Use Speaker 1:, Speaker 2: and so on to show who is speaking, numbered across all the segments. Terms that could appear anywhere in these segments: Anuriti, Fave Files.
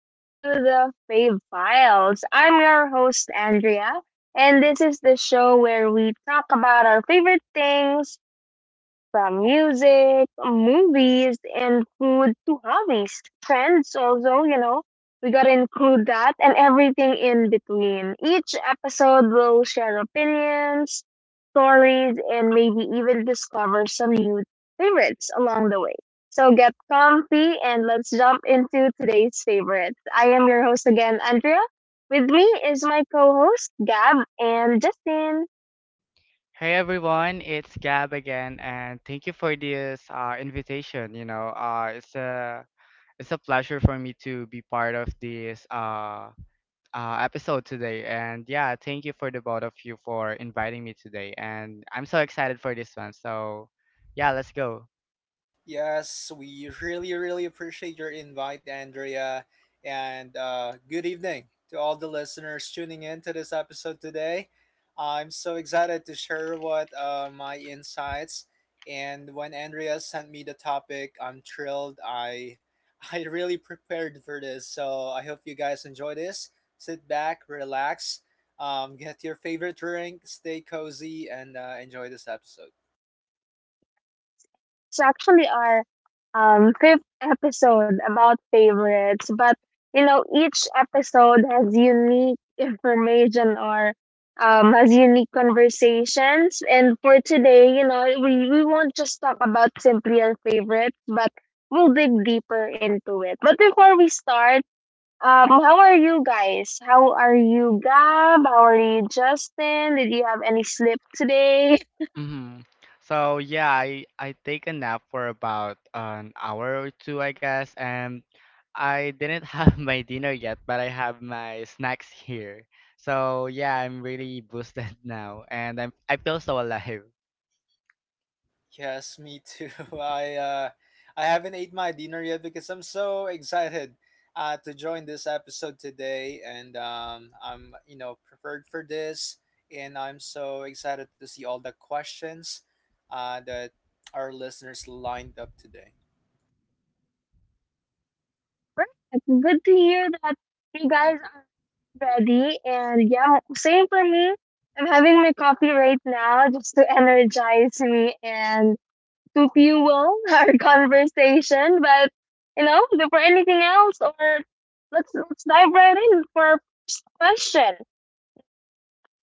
Speaker 1: Welcome to the Fave Files. I'm your host, Andrea, and this is the show where we talk about our favorite things, from music, movies, and food to hobbies, trends. Also, you know, we gotta include that and everything in between. Each episode will share opinions, stories, and maybe even discover some new favorites along the way. So get comfy and let's jump into today's favorites. I am your host again, Andrea. With me is my co host, Gab and Justin.
Speaker 2: Hey everyone, it's Gab again, and thank you for this invitation. It's a pleasure for me to be part of this episode today. And yeah, thank you for the both of you for inviting me today. And I'm so excited for this one. So yeah, let's go.
Speaker 3: Yes, we really, really appreciate your invite, Andrea. And good evening to all the listeners tuning in to this episode today. I'm so excited to share what my insights. And when Andrea sent me the topic, I'm thrilled. I I really prepared for this, so I hope you guys enjoy this. Sit back, relax, get your favorite drink, stay cozy, and enjoy this episode.
Speaker 1: It's actually our fifth episode about favorites, but you know, each episode has unique information or has unique conversations. And for today, you know, we won't just talk about simply our favorites, but we'll dig deeper into it. But before we start, how are you guys? How are you, Gab? How are you, Justin? Did you have any slip today?
Speaker 2: hmm So yeah, I take a nap for about an hour or two, I guess, and I didn't have my dinner yet, but I have my snacks here. So yeah, I'm really boosted now, and I feel so alive.
Speaker 3: Yes, me too. I uh, I haven't ate my dinner yet because I'm so excited to join this episode today, and I'm prepared for this, and I'm so excited to see all the questions that our listeners lined up today.
Speaker 1: Perfect. Good to hear that you guys ready. And yeah, same for me. I'm having my coffee right now just to energize me and to fuel our conversation. But you know, before anything else, or let's dive right in for our question.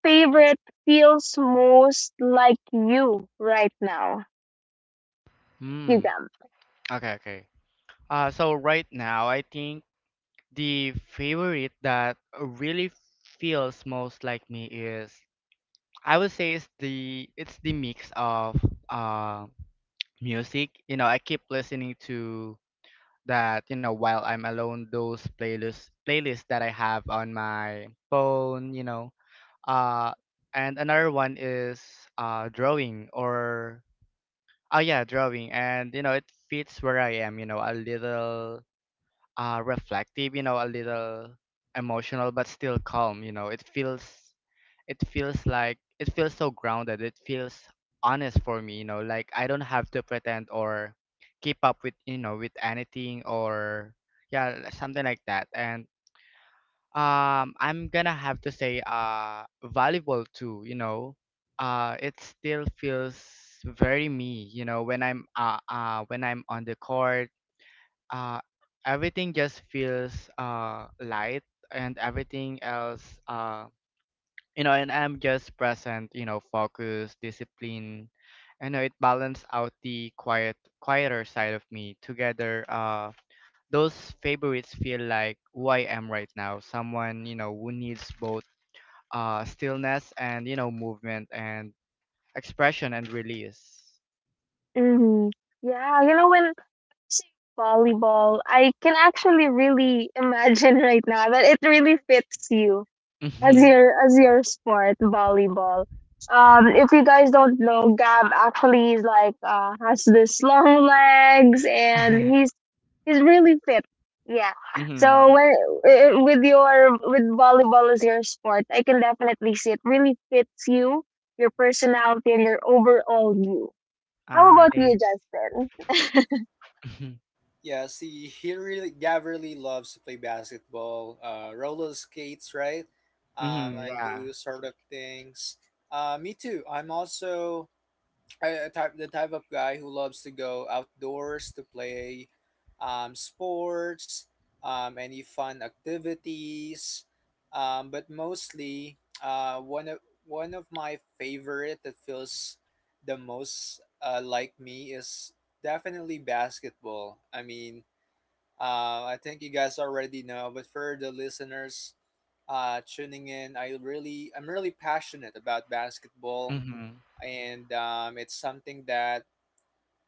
Speaker 1: Favorite feels most like you right now, you
Speaker 2: Hmm.
Speaker 1: them.
Speaker 2: Okay, okay. So right now, I think the favorite that really feels most like me is I would say it's the mix of um music. You know, I keep listening to that, you know, while I'm alone, those playlists that I have on my phone, you know. Uh and another one is drawing or oh yeah, drawing. And you know, it fits where I am, you know, a little reflective, you know, a little emotional but still calm, you know. It feels so grounded. It feels honest for me, you know, like I don't have to pretend or keep up with, you know, with anything or yeah, something like that. And I'm gonna have to say valuable too, you know. It still feels very me, you know, when I'm on the court, uh everything just feels light and everything else you know, and I'm just present, you know, focused, discipline. I know it balanced out the quieter side of me. Together, those favorites feel like who I am right now. Someone, you know, who needs both stillness and, you know, movement and expression and release.
Speaker 1: Hmm. Yeah, you know, when I say volleyball, I can actually really imagine right now that it really fits you
Speaker 2: Mm-hmm.
Speaker 1: as your sport, volleyball. Um, if you guys don't know, Gab actually is like, has this long legs, and he's really fit. Yeah. So
Speaker 2: Mm-hmm.
Speaker 1: when, with your with volleyball as your sport, I can definitely see it really fits you, your personality and your overall you. How
Speaker 2: Ah,
Speaker 1: about you,
Speaker 2: thanks.
Speaker 1: Justin?
Speaker 2: Mm-hmm.
Speaker 3: Yeah, see, he really Gav really loves to play basketball, roller skates, right?
Speaker 2: Mm-hmm.
Speaker 3: And
Speaker 2: Yeah.
Speaker 3: do sort of things. Me too. I type the type of guy who loves to go outdoors to play sports, any fun activities, but mostly one of my favorite that feels the most like me is definitely basketball. I mean, I think you guys already know, but for the listeners tuning in, I'm really passionate about basketball
Speaker 2: Mm-hmm.
Speaker 3: and it's something that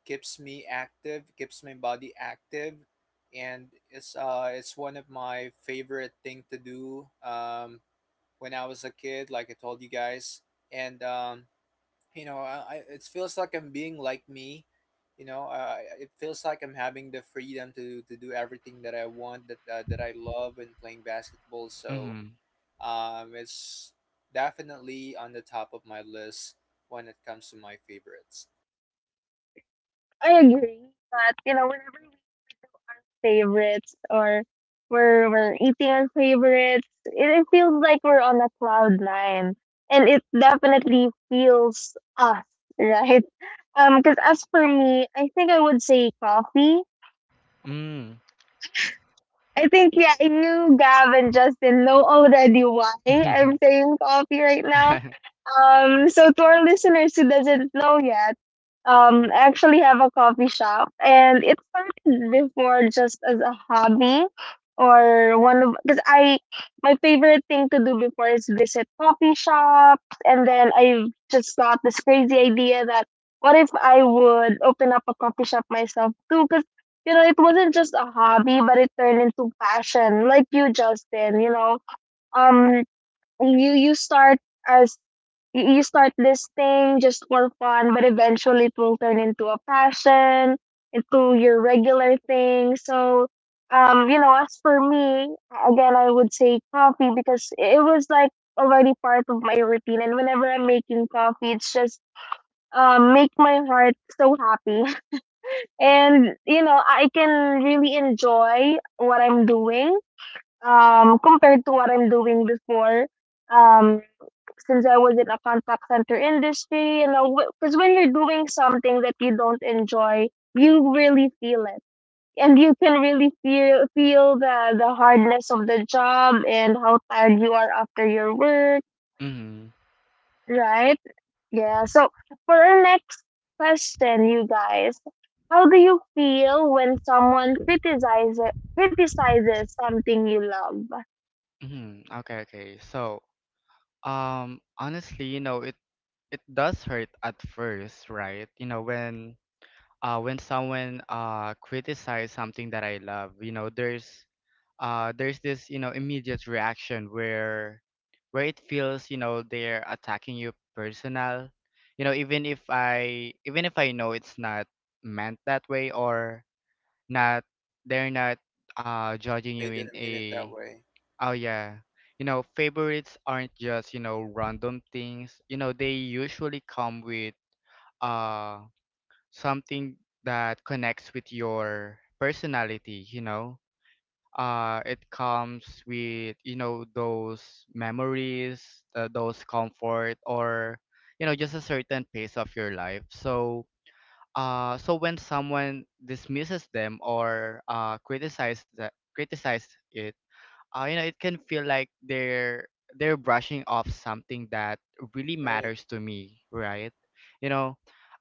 Speaker 3: keeps me active, keeps my body active, and it's one of my favorite thing to do when I was a kid, like I told you guys, and you know I it feels like I'm being like me, you know it feels like I'm having the freedom to do everything that I want that I love when playing basketball, so
Speaker 2: Mm-hmm.
Speaker 3: it's definitely on the top of my list when it comes to my favorites.
Speaker 1: I agree. But you know, whenever favorites or we're eating our favorites, it feels like we're on a cloud nine, and it definitely feels us, right? Because as for me, I think I would say coffee. I think, yeah, you, Gab, and Justin know already why
Speaker 2: Mm-hmm.
Speaker 1: I'm saying coffee right now. So to our listeners who doesn't know yet, I actually have a coffee shop, and it started before just as a hobby or one of, because I, my favorite thing to do before is visit coffee shops, and then I just got this crazy idea that what if I would open up a coffee shop myself too? 'Cause you know, it wasn't just a hobby, but it turned into passion. Like you, Justin, you know, um, you you start as you start this thing just for fun, but eventually it will turn into a passion, into your regular thing. So, you know, as for me, again, I would say coffee, because it was like already part of my routine, and whenever I'm making coffee, it's just make my heart so happy. And you know, I can really enjoy what I'm doing compared to what I'm doing before, um since I was in a contact center industry. You know, because when you're doing something that you don't enjoy, you really feel it, and you can really feel the hardness of the job and how tired you are after your work,
Speaker 2: Mm-hmm.
Speaker 1: right? Yeah. So for our next question, you guys, how do you feel when someone criticizes something you love?
Speaker 2: Mm-hmm. Okay, okay. So, honestly, you know, it does hurt at first, right? You know, when someone criticizes something that I love, you know, there's this, you know, immediate reaction where it feels, you know, they're attacking you personal. You know, even if I know it's not meant that way or not they're not judging
Speaker 3: They
Speaker 2: you in
Speaker 3: didn't mean it that
Speaker 2: a
Speaker 3: way.
Speaker 2: Oh yeah. You know, favorites aren't just, you know, random things. You know, they usually come with uh something that connects with your personality, you know. It comes with, you know, those memories, those comfort or you know, just a certain pace of your life. So so when someone dismisses them or criticizes that criticize it, you know, it can feel like they're brushing off something that really
Speaker 3: Right.
Speaker 2: matters to me, right? You know,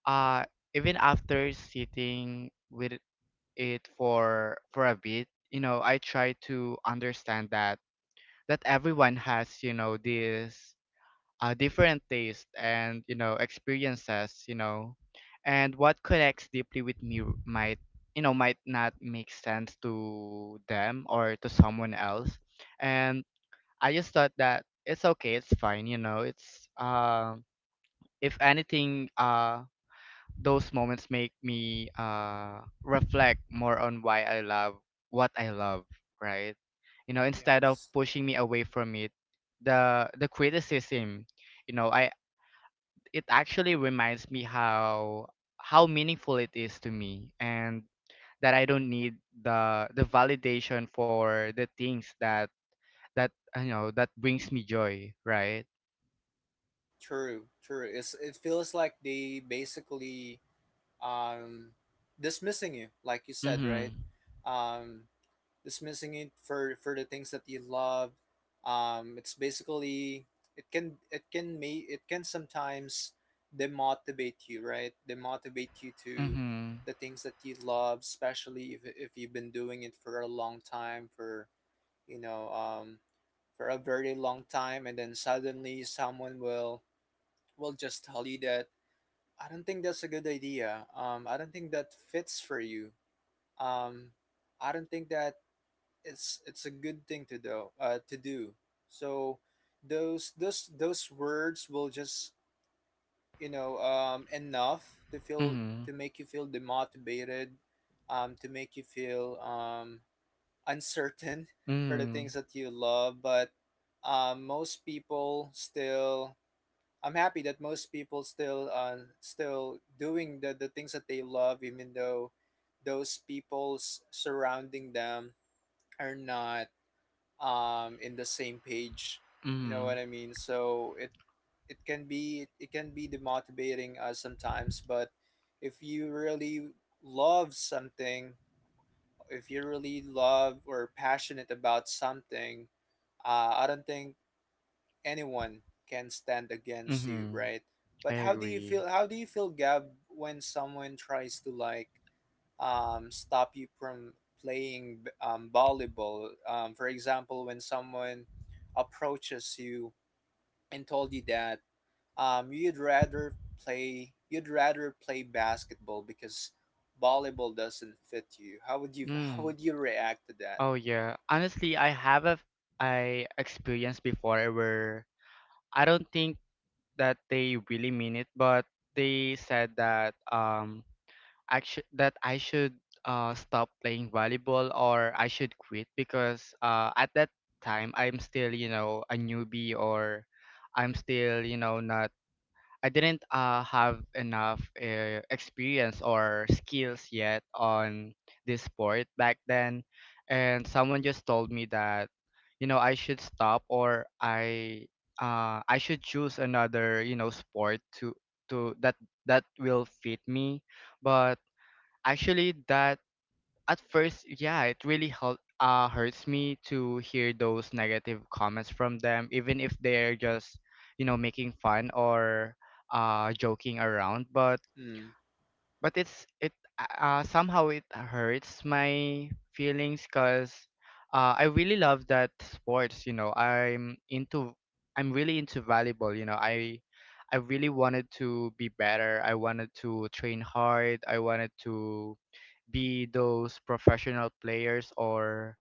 Speaker 2: uh even after sitting with it for a bit, you know, I try to understand that that everyone has, you know, this different taste and you know experiences, you know, and what connects deeply with me might you know might not make sense to them or to someone else. And I just thought that it's okay, it's fine, you know. It's if anything, those moments make me reflect more on why I love what I love, right? You know,
Speaker 3: Yeah.
Speaker 2: instead of pushing me away from it, the criticism, you know, I it actually reminds me how meaningful it is to me and that I don't need the validation for the things that that you know that brings me joy, right?
Speaker 3: True, true. It's it feels like they basically um dismissing you, like you said, right?
Speaker 2: Mhm.
Speaker 3: Um, dismissing it for the things that you love. Um, it's basically it can sometimes demotivate you, right? Demotivate you to
Speaker 2: Mhm.
Speaker 3: the things that you love, especially if you've been doing it for a long time for you know, um, for a very long time, and then suddenly someone will just tell you that I don't think that's a good idea. I don't think that fits for you. Um, I don't think that it's a good thing to do. So, those words will just enough to feel
Speaker 2: Mhm.
Speaker 3: to make you feel demotivated, to make you feel uncertain for the
Speaker 2: Mhm.
Speaker 3: things that you love, but most people still I'm happy that most people still still doing the things that they love, even though those people surrounding them are not in the same page, you know
Speaker 2: Mhm.
Speaker 3: what I mean. So it can be demotivating us sometimes, but if you really love something, if you really love or passionate about something, I don't think anyone can stand against you,
Speaker 2: Mhm.
Speaker 3: right?
Speaker 2: I
Speaker 3: But how do you feel?
Speaker 2: agree.
Speaker 3: How do you feel, Gab, when someone tries to like stop you from playing volleyball? For example, when someone approaches you and told you that you'd rather play basketball because volleyball doesn't fit you. How would you how would
Speaker 2: Mm.
Speaker 3: you react to that?
Speaker 2: Oh yeah. Honestly, I have a I experienced before where I don't think that they really mean it, but they said that actually that I should stop playing volleyball or I should quit, because at that time I'm still, you know, a newbie or I'm still, you know, not I didn't have enough experience or skills yet on this sport back then, and someone just told me that you know I should stop or I should choose another you know sport to that that will fit me. But actually that at first, yeah, it really hurts me to hear those negative comments from them, even if they're just, you know, making fun or joking around.
Speaker 3: Mm.
Speaker 2: But it's it somehow it hurts my feelings because I really love that sports. You know, I'm really into volleyball. You know, I really wanted to be better. I wanted to train hard. I wanted to be those professional players or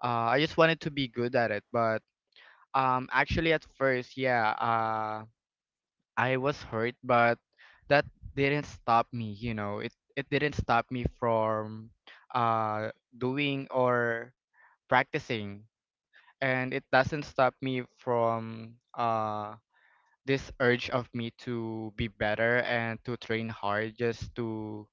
Speaker 2: I just wanted to be good at it. But actually, at first, yeah, I was hurt, but that didn't stop me. You know, it didn't stop me from uh, doing or practicing, and it doesn't stop me from this urge of me to be better and to train hard just to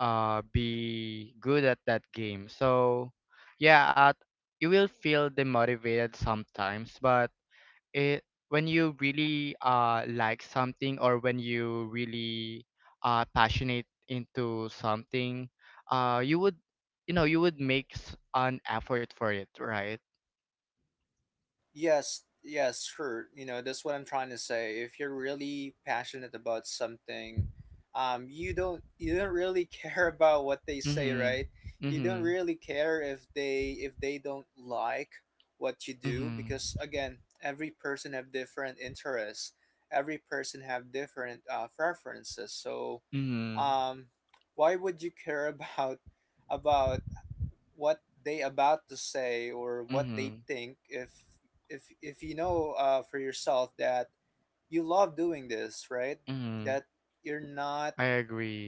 Speaker 2: be good at that game. So yeah, you will feel demotivated sometimes, but it when you really like something or when you really passionate into something, you would you know you would make an effort for it, right?
Speaker 3: Yes, yes, sure. You know, that's what I'm trying to say. If you're really passionate about something, you don't really care about what they say,
Speaker 2: Mhm.
Speaker 3: right? You don't
Speaker 2: Mhm.
Speaker 3: really care if they don't like what you do,
Speaker 2: Mhm.
Speaker 3: because again, every person have different interests. Every person have different preferences. So,
Speaker 2: Mhm.
Speaker 3: um, why would you care about what they about to say or what they
Speaker 2: Mhm.
Speaker 3: think, if you know for yourself that you love doing this, right?
Speaker 2: Mhm.
Speaker 3: that you're not
Speaker 2: I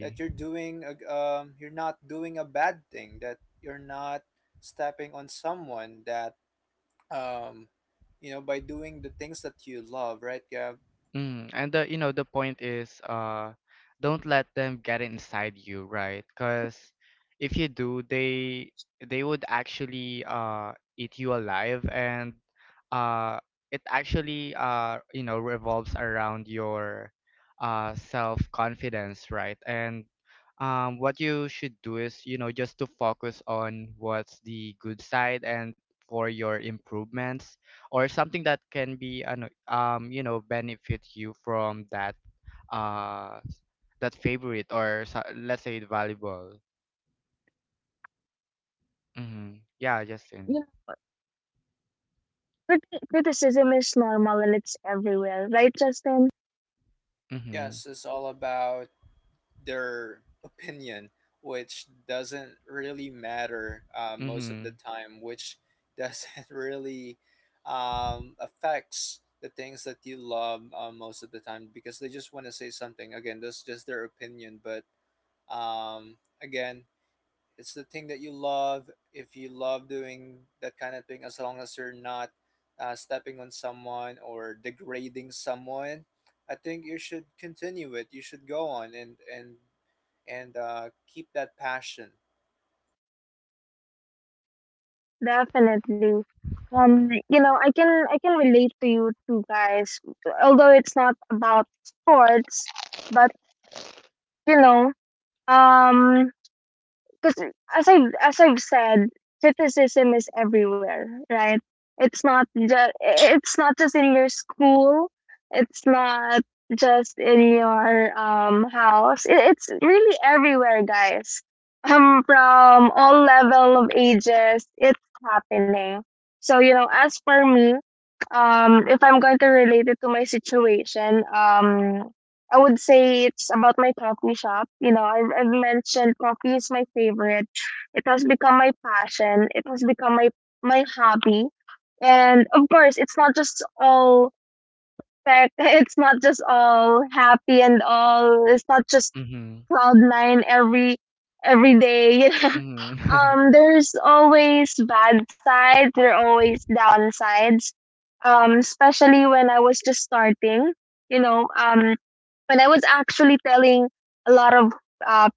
Speaker 3: that you're doing a, you're not doing a bad thing, that you're not stepping on someone, that um you know, by doing the things that you love, right? Yeah,
Speaker 2: Mm. And the, you know, the point is don't let them get inside you, right? Because if you do, they would actually eat you alive, and uh it actually you know revolves around your self-confidence, right? And what you should do is you know just to focus on what's the good side and for your improvements or something that can be you know benefit you from that uh that favorite or let's say valuable. Mm-hmm. Yeah,
Speaker 1: You know,
Speaker 2: Justin.
Speaker 1: criticism is normal and it's everywhere, right, Justin?
Speaker 2: Mm-hmm.
Speaker 3: yes, it's all about their opinion, which doesn't really matter most of the
Speaker 2: Mm-hmm.
Speaker 3: time, which doesn't really affects the things that you love most of the time, because they just want to say something. Again, that's just their opinion, but again, it's the thing that you love. If you love doing that kind of thing, as long as you're not stepping on someone or degrading someone, I think you should continue it. You should go on, and keep that passion.
Speaker 1: Definitely. You know, I can relate to you two guys, although it's not about sports, but you know, um, because as I as I've said, criticism is everywhere, right? It's not just in your school. It's not just in your house. It, it's really everywhere, guys. From all level of ages, it's happening. So you know, as for me, if I'm going to relate it to my situation, I would say it's about my coffee shop. You know, I've mentioned coffee is my favorite. It has become my passion. It has become my my hobby. And of course, it's not just all tech. It's not just all happy and all. It's not just
Speaker 2: Mm-hmm.
Speaker 1: cloud nine every day. You know.
Speaker 2: Mm-hmm.
Speaker 1: There's always bad sides. There are always downsides. Especially when I was just starting. You know, when I was actually telling a lot of uh,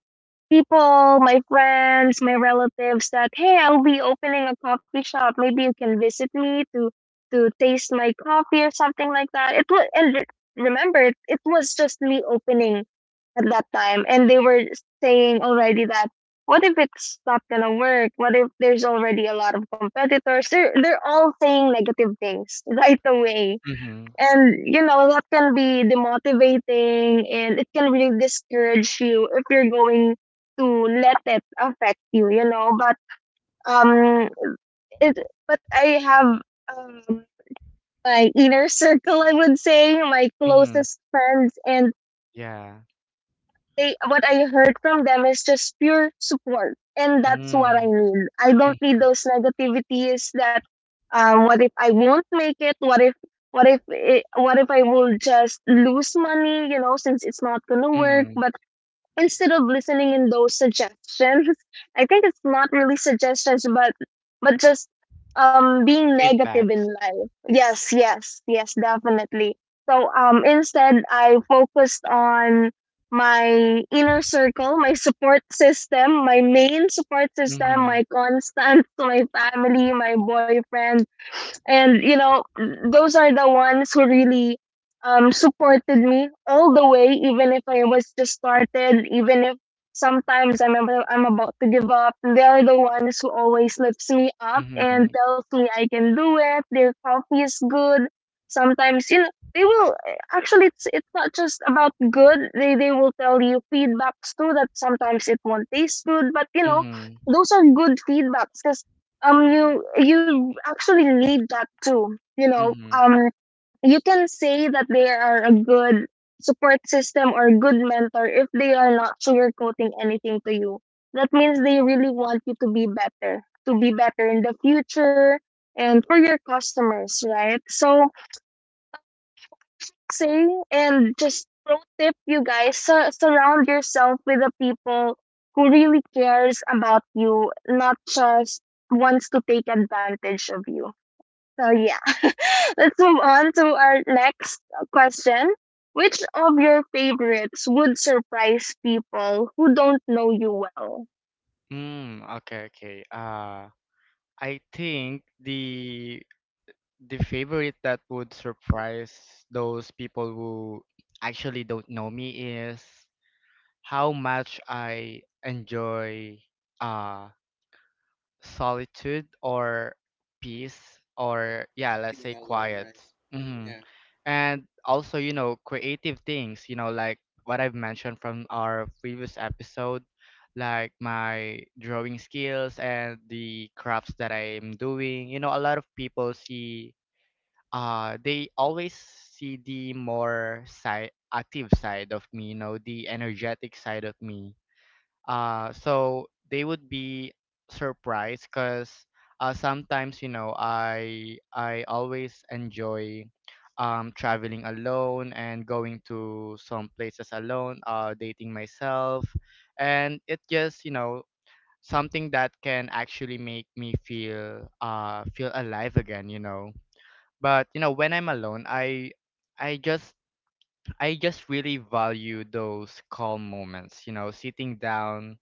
Speaker 1: people, my friends, my relatives, that hey, I'll be opening a coffee shop. Maybe you can visit me to taste my coffee or something like that. It was, and remember it, it was just me opening at that time, and they were saying already that what if it's not gonna work? What if there's already a lot of competitors? They're all saying negative things right away,
Speaker 2: Mm-hmm.
Speaker 1: and you know, that can be demotivating and it can really discourage you if you're going to let it affect you, you know. But um it, but I have um my inner circle, I would say, my
Speaker 2: Mm-hmm.
Speaker 1: closest friends, and
Speaker 2: Yeah.
Speaker 1: they, what I heard from them is just pure support, and that's what I
Speaker 2: Mm-hmm.
Speaker 1: need. I don't need
Speaker 2: Mm-hmm.
Speaker 1: those negativities that, what if I won't make it? What if, what if it, what if I will just lose money? You know, since it's not gonna work.
Speaker 2: Mm-hmm.
Speaker 1: But instead of listening in those suggestions, I think it's not really suggestions, but just being negative in
Speaker 2: Feedbacks.
Speaker 1: life. Yes, yes, yes, definitely. So instead, I focused on my inner circle, my support system, my main support system,
Speaker 2: Mm-hmm.
Speaker 1: my constants, my family, my boyfriend. And you know, those are the ones who really supported me all the way, even if I was just started, even if sometimes I'm about to give up, they are the ones who always lifts me up and
Speaker 2: Mm-hmm.
Speaker 1: tells me I can do it, their coffee is good. Sometimes, you know, they will actually, it's not just about good, they will tell you feedbacks too that sometimes it won't taste good. But you know,
Speaker 2: Mm-hmm.
Speaker 1: those are good feedbacks, because you you actually need that too, you know.
Speaker 2: Mm-hmm.
Speaker 1: Um, you can say that they are a good support system or a good mentor if they are not sugarcoating anything to you. That means they really want you to be better, to be better in the future and for your customers, right? So say, and just pro tip, you guys, surround yourself with the people who really cares about you, not just wants to take advantage of you. So yeah, let's move on to our next question. Which of your favorites would surprise people who don't know you well?
Speaker 2: Mm, okay, okay. I think the favorite that would surprise those people who actually don't know me is how much I enjoy uh solitude or peace or yeah, let's say
Speaker 3: Being alone,
Speaker 2: quiet.
Speaker 3: right?
Speaker 2: Hmm.
Speaker 3: Yeah.
Speaker 2: And also, you know, creative things, you know, like what I've mentioned from our previous episode, like my drawing skills and the crafts that I'm doing. You know, a lot of people see they always see the more side active side of me, you know, the energetic side of me. So they would be surprised because sometimes, you know, I always enjoy traveling alone and going to some places alone, dating myself. And it just, you know, something that can actually make me feel feel alive again, you know. But you know, when I'm alone, I just I just really value those calm moments, you know, sitting down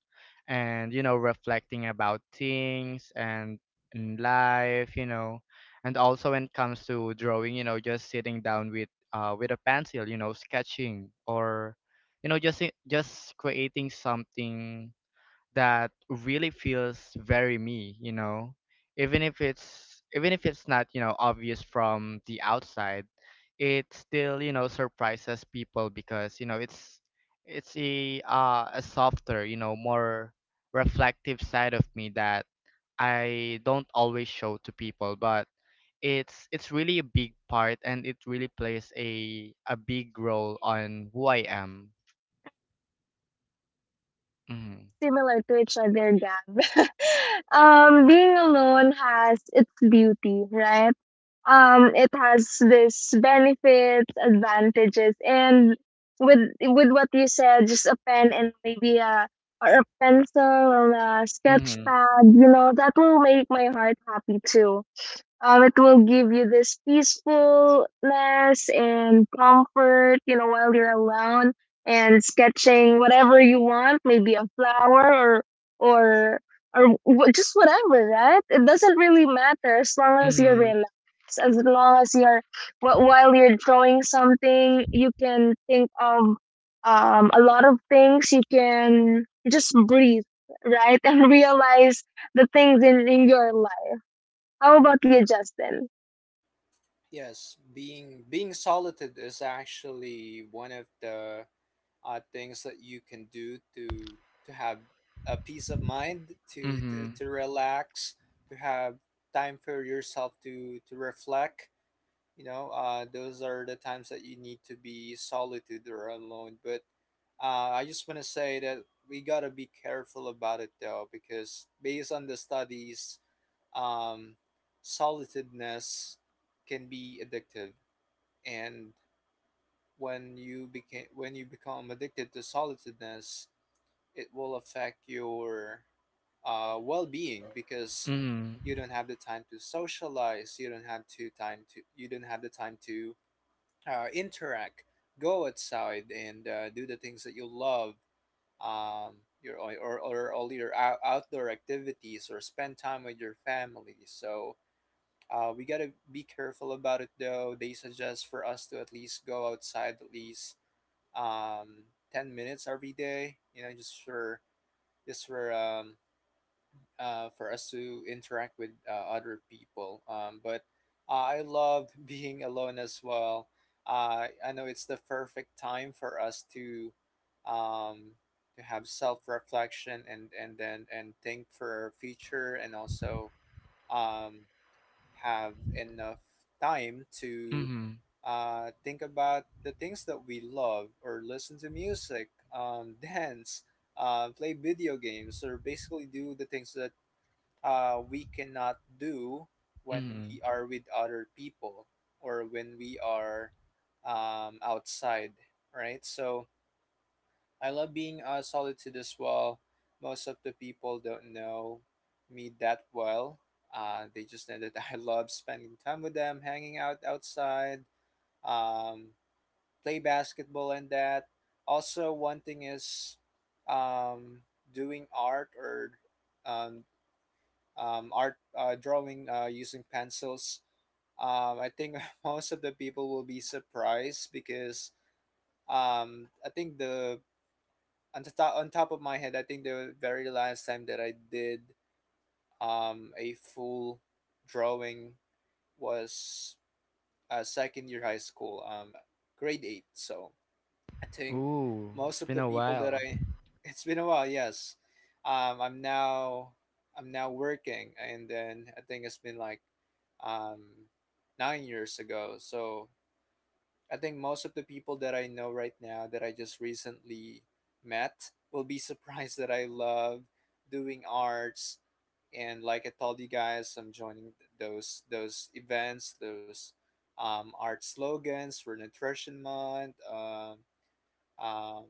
Speaker 2: and you know, reflecting about things and life, you know. And also when it comes to drawing, you know, just sitting down with a pencil, you know, sketching or you know, just creating something that really feels very me, you know. Even if it's not, you know, obvious from the outside, it still, you know, surprises people because, you know, it's a softer, you know, more reflective side of me that I don't always show to people, but it's really a big part and it really plays a big role on who I am. Mhm.
Speaker 1: Similar to each other, Gab. Um, being alone has its beauty, right? It has this benefits, advantages, and with what you said, just a pen and maybe a or a pencil or a sketch
Speaker 2: Mhm.
Speaker 1: pad, you know, that will make my heart happy too. It will give you this peacefulness and comfort, you know, while you're alone and sketching whatever you want, maybe a flower or or just whatever, right? It doesn't really matter, as long as you're
Speaker 2: Mhm.
Speaker 1: relaxed, as long as you're while you're drawing something, you can think of a lot of things. You can just breathe, right, and realize the things in your life. How about you, Justin?
Speaker 3: Yes, being solitude is actually one of the things that you can do to have a peace of mind, to
Speaker 2: Mhm.
Speaker 3: relax, to have time for yourself to reflect. You know, those are the times that you need to be solitude or alone. But I just want to say that we got to be careful about it, though, because based on the studies, um, solitudeness can be addictive. And when you become addicted to solitudeness, it will affect your well-being, because
Speaker 2: Mhm.
Speaker 3: you don't have the time to socialize, you don't have to time to you don't have the time to interact, go outside, and do the things that you love, um, your or all your outdoor activities, or spend time with your family. So we gotta be careful about it, though. They suggest for us to at least go outside at least um, 10 minutes every day, you know, just for just for um, for us to interact with other people. But I love being alone as well. I know it's the perfect time for us um, to have self-reflection and then and think for our future, and also um, have enough time to
Speaker 2: Mm-hmm.
Speaker 3: think about the things that we love, or listen to music, dance, play video games, or basically do the things that we cannot do when
Speaker 2: Mm-hmm.
Speaker 3: we are with other people, or when we are outside, right? So I love being solitude as well. Most of the people don't know me that well. They just know that I love spending time with them, hanging out outside, um, play basketball, and that. Also, one thing is um, doing art or um, art, drawing using pencils. I think most of the people will be surprised because I think the on the top on top of my head, I think the very last time that I did a full drawing was second year high school, grade eight. So I think
Speaker 2: Ooh, it's
Speaker 3: most of
Speaker 2: been
Speaker 3: the
Speaker 2: a
Speaker 3: people that
Speaker 2: while.
Speaker 3: I it's been a while, yes. I'm now working, and then I think it's been like um 9 years ago. So I think most of the people that I know right now that I just recently met will be surprised that I love doing arts. And like I told you guys, I'm joining those events, those art slogans for Nutrition Month, um,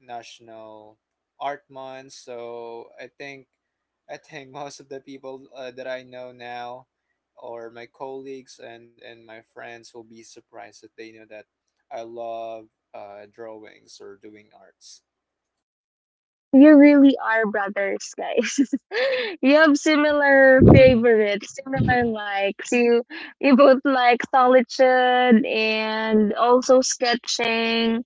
Speaker 3: National Art Month. So I think most of the people that I know now, or my colleagues and my friends, will be surprised that they know that I love drawings or doing arts.
Speaker 1: You really are brothers, guys. You have similar favorites, similar likes. You both like solitude and also sketching,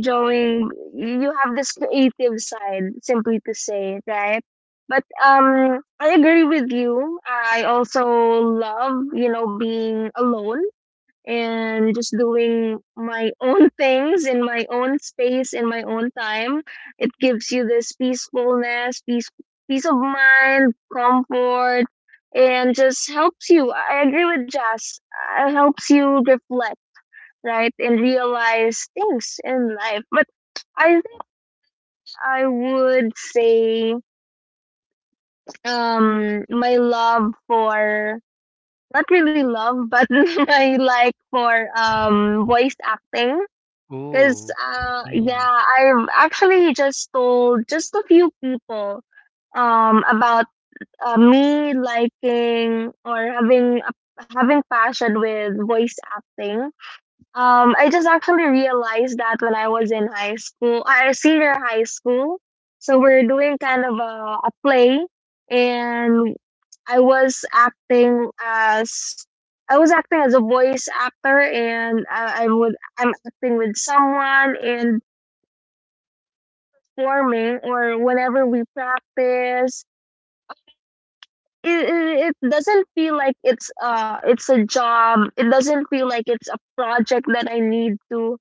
Speaker 1: drawing. You have this creative side, simply to say, right? But I agree with you. I also love, you know, being alone and just doing my own things in my own space in my own time. It gives you this peacefulness, peace, peace of mind, comfort, and just helps you. I agree with Jazz. It helps you reflect, right, and realize things in life. But I think I would say my love for, not really love, but my like for voice acting. Because,
Speaker 2: Ooh.
Speaker 1: yeah,
Speaker 2: Mm.
Speaker 1: I've actually just told just a few people about me liking or having a having passion with voice acting. Um, I just actually realized that when I was in high school, senior high school. So we're doing kind of a play, and I was acting as I was acting as a voice actor, and I would I'm acting with someone and forming or whenever we practice. It doesn't feel like it's a job. It doesn't feel like it's a project that I need to.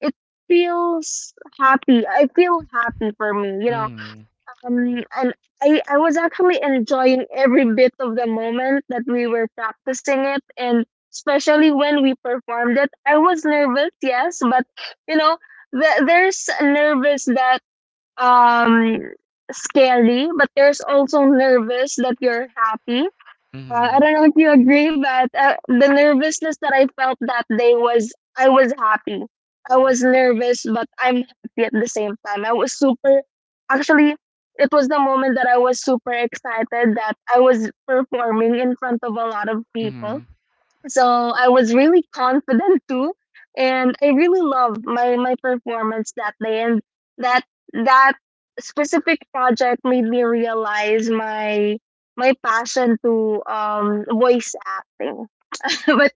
Speaker 1: It feels happy. I feel happy for me, you know.
Speaker 2: Mm-hmm.
Speaker 1: And I was actually enjoying every bit of the moment that we were practicing it, and especially when we performed it. I was nervous, yes, but you know, there's nervous that um scary, but there's also nervous that you're happy. Uh, I
Speaker 2: Mm-hmm.
Speaker 1: don't know if you agree, but the nervousness that I felt that day was, I was happy. I was nervous, but I'm happy at the same time. I was super, actually, it was the moment that I was super excited that I was performing in front of a lot of people.
Speaker 2: Mm-hmm.
Speaker 1: So I was really confident too, and I really loved my my performance that day. And that that specific project made me realize my my passion to voice acting. But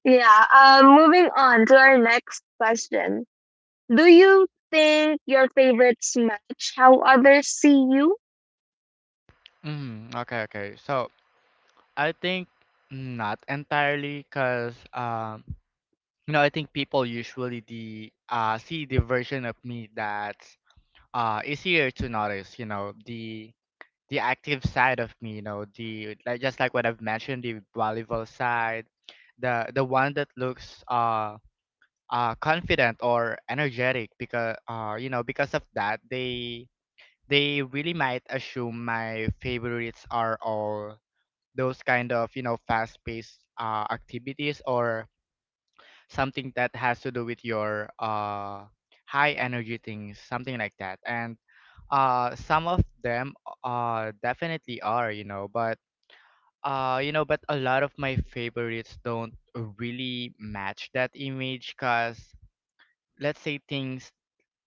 Speaker 1: yeah, moving on to our next question. Do you think your favorites match how others see you?
Speaker 2: Mm-hmm. Okay, okay. So I think not entirely, cause you know, I think people usually the see the version of me that's easier to notice. You know, the active side of me. You know, the like just like what I've mentioned, the volleyball side, the one that looks confident or energetic. Because you know because of that they really might assume my favorites are all those kind of you know fast paced activities or something that has to do with your high energy things, something like that. And some of them definitely are, you know. But you know, but a lot of my favorites don't really match that image, cuz let's say things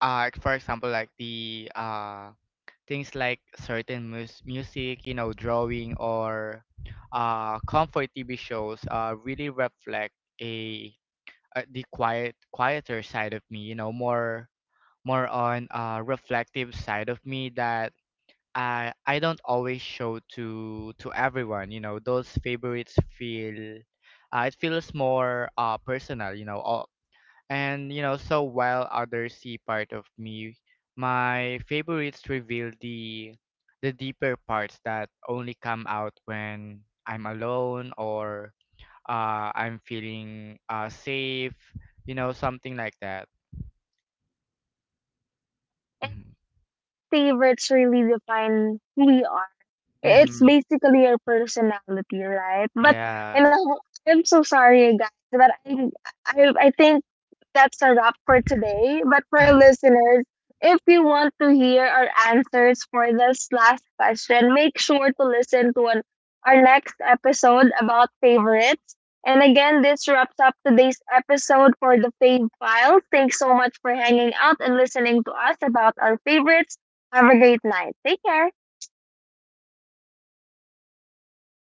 Speaker 2: art for example, like the things like certain music, you know, drawing or comfort TV shows really reflect a the quieter side of me, you know, more more on reflective side of me that I don't always show to everyone, you know. Those favorites feel it feels more personal, you know, and you know, so while others see part of me, my favorites reveal the deeper parts that only come out when I'm alone or I'm feeling safe, you know, something like that.
Speaker 1: And
Speaker 2: Mm-hmm.
Speaker 1: favorites really define who we are. It's
Speaker 2: Mm-hmm.
Speaker 1: basically your personality, right? But you
Speaker 2: Yeah.
Speaker 1: know, I'm so sorry, guys, but I I think that's a wrap for today. But for our listeners, if you want to hear our answers for this last question, make sure to listen to an, our next episode about favorites. And again, this wraps up today's episode for the Fave Files. Thanks so much for hanging out and listening to us about our favorites. Have a great night. Take care.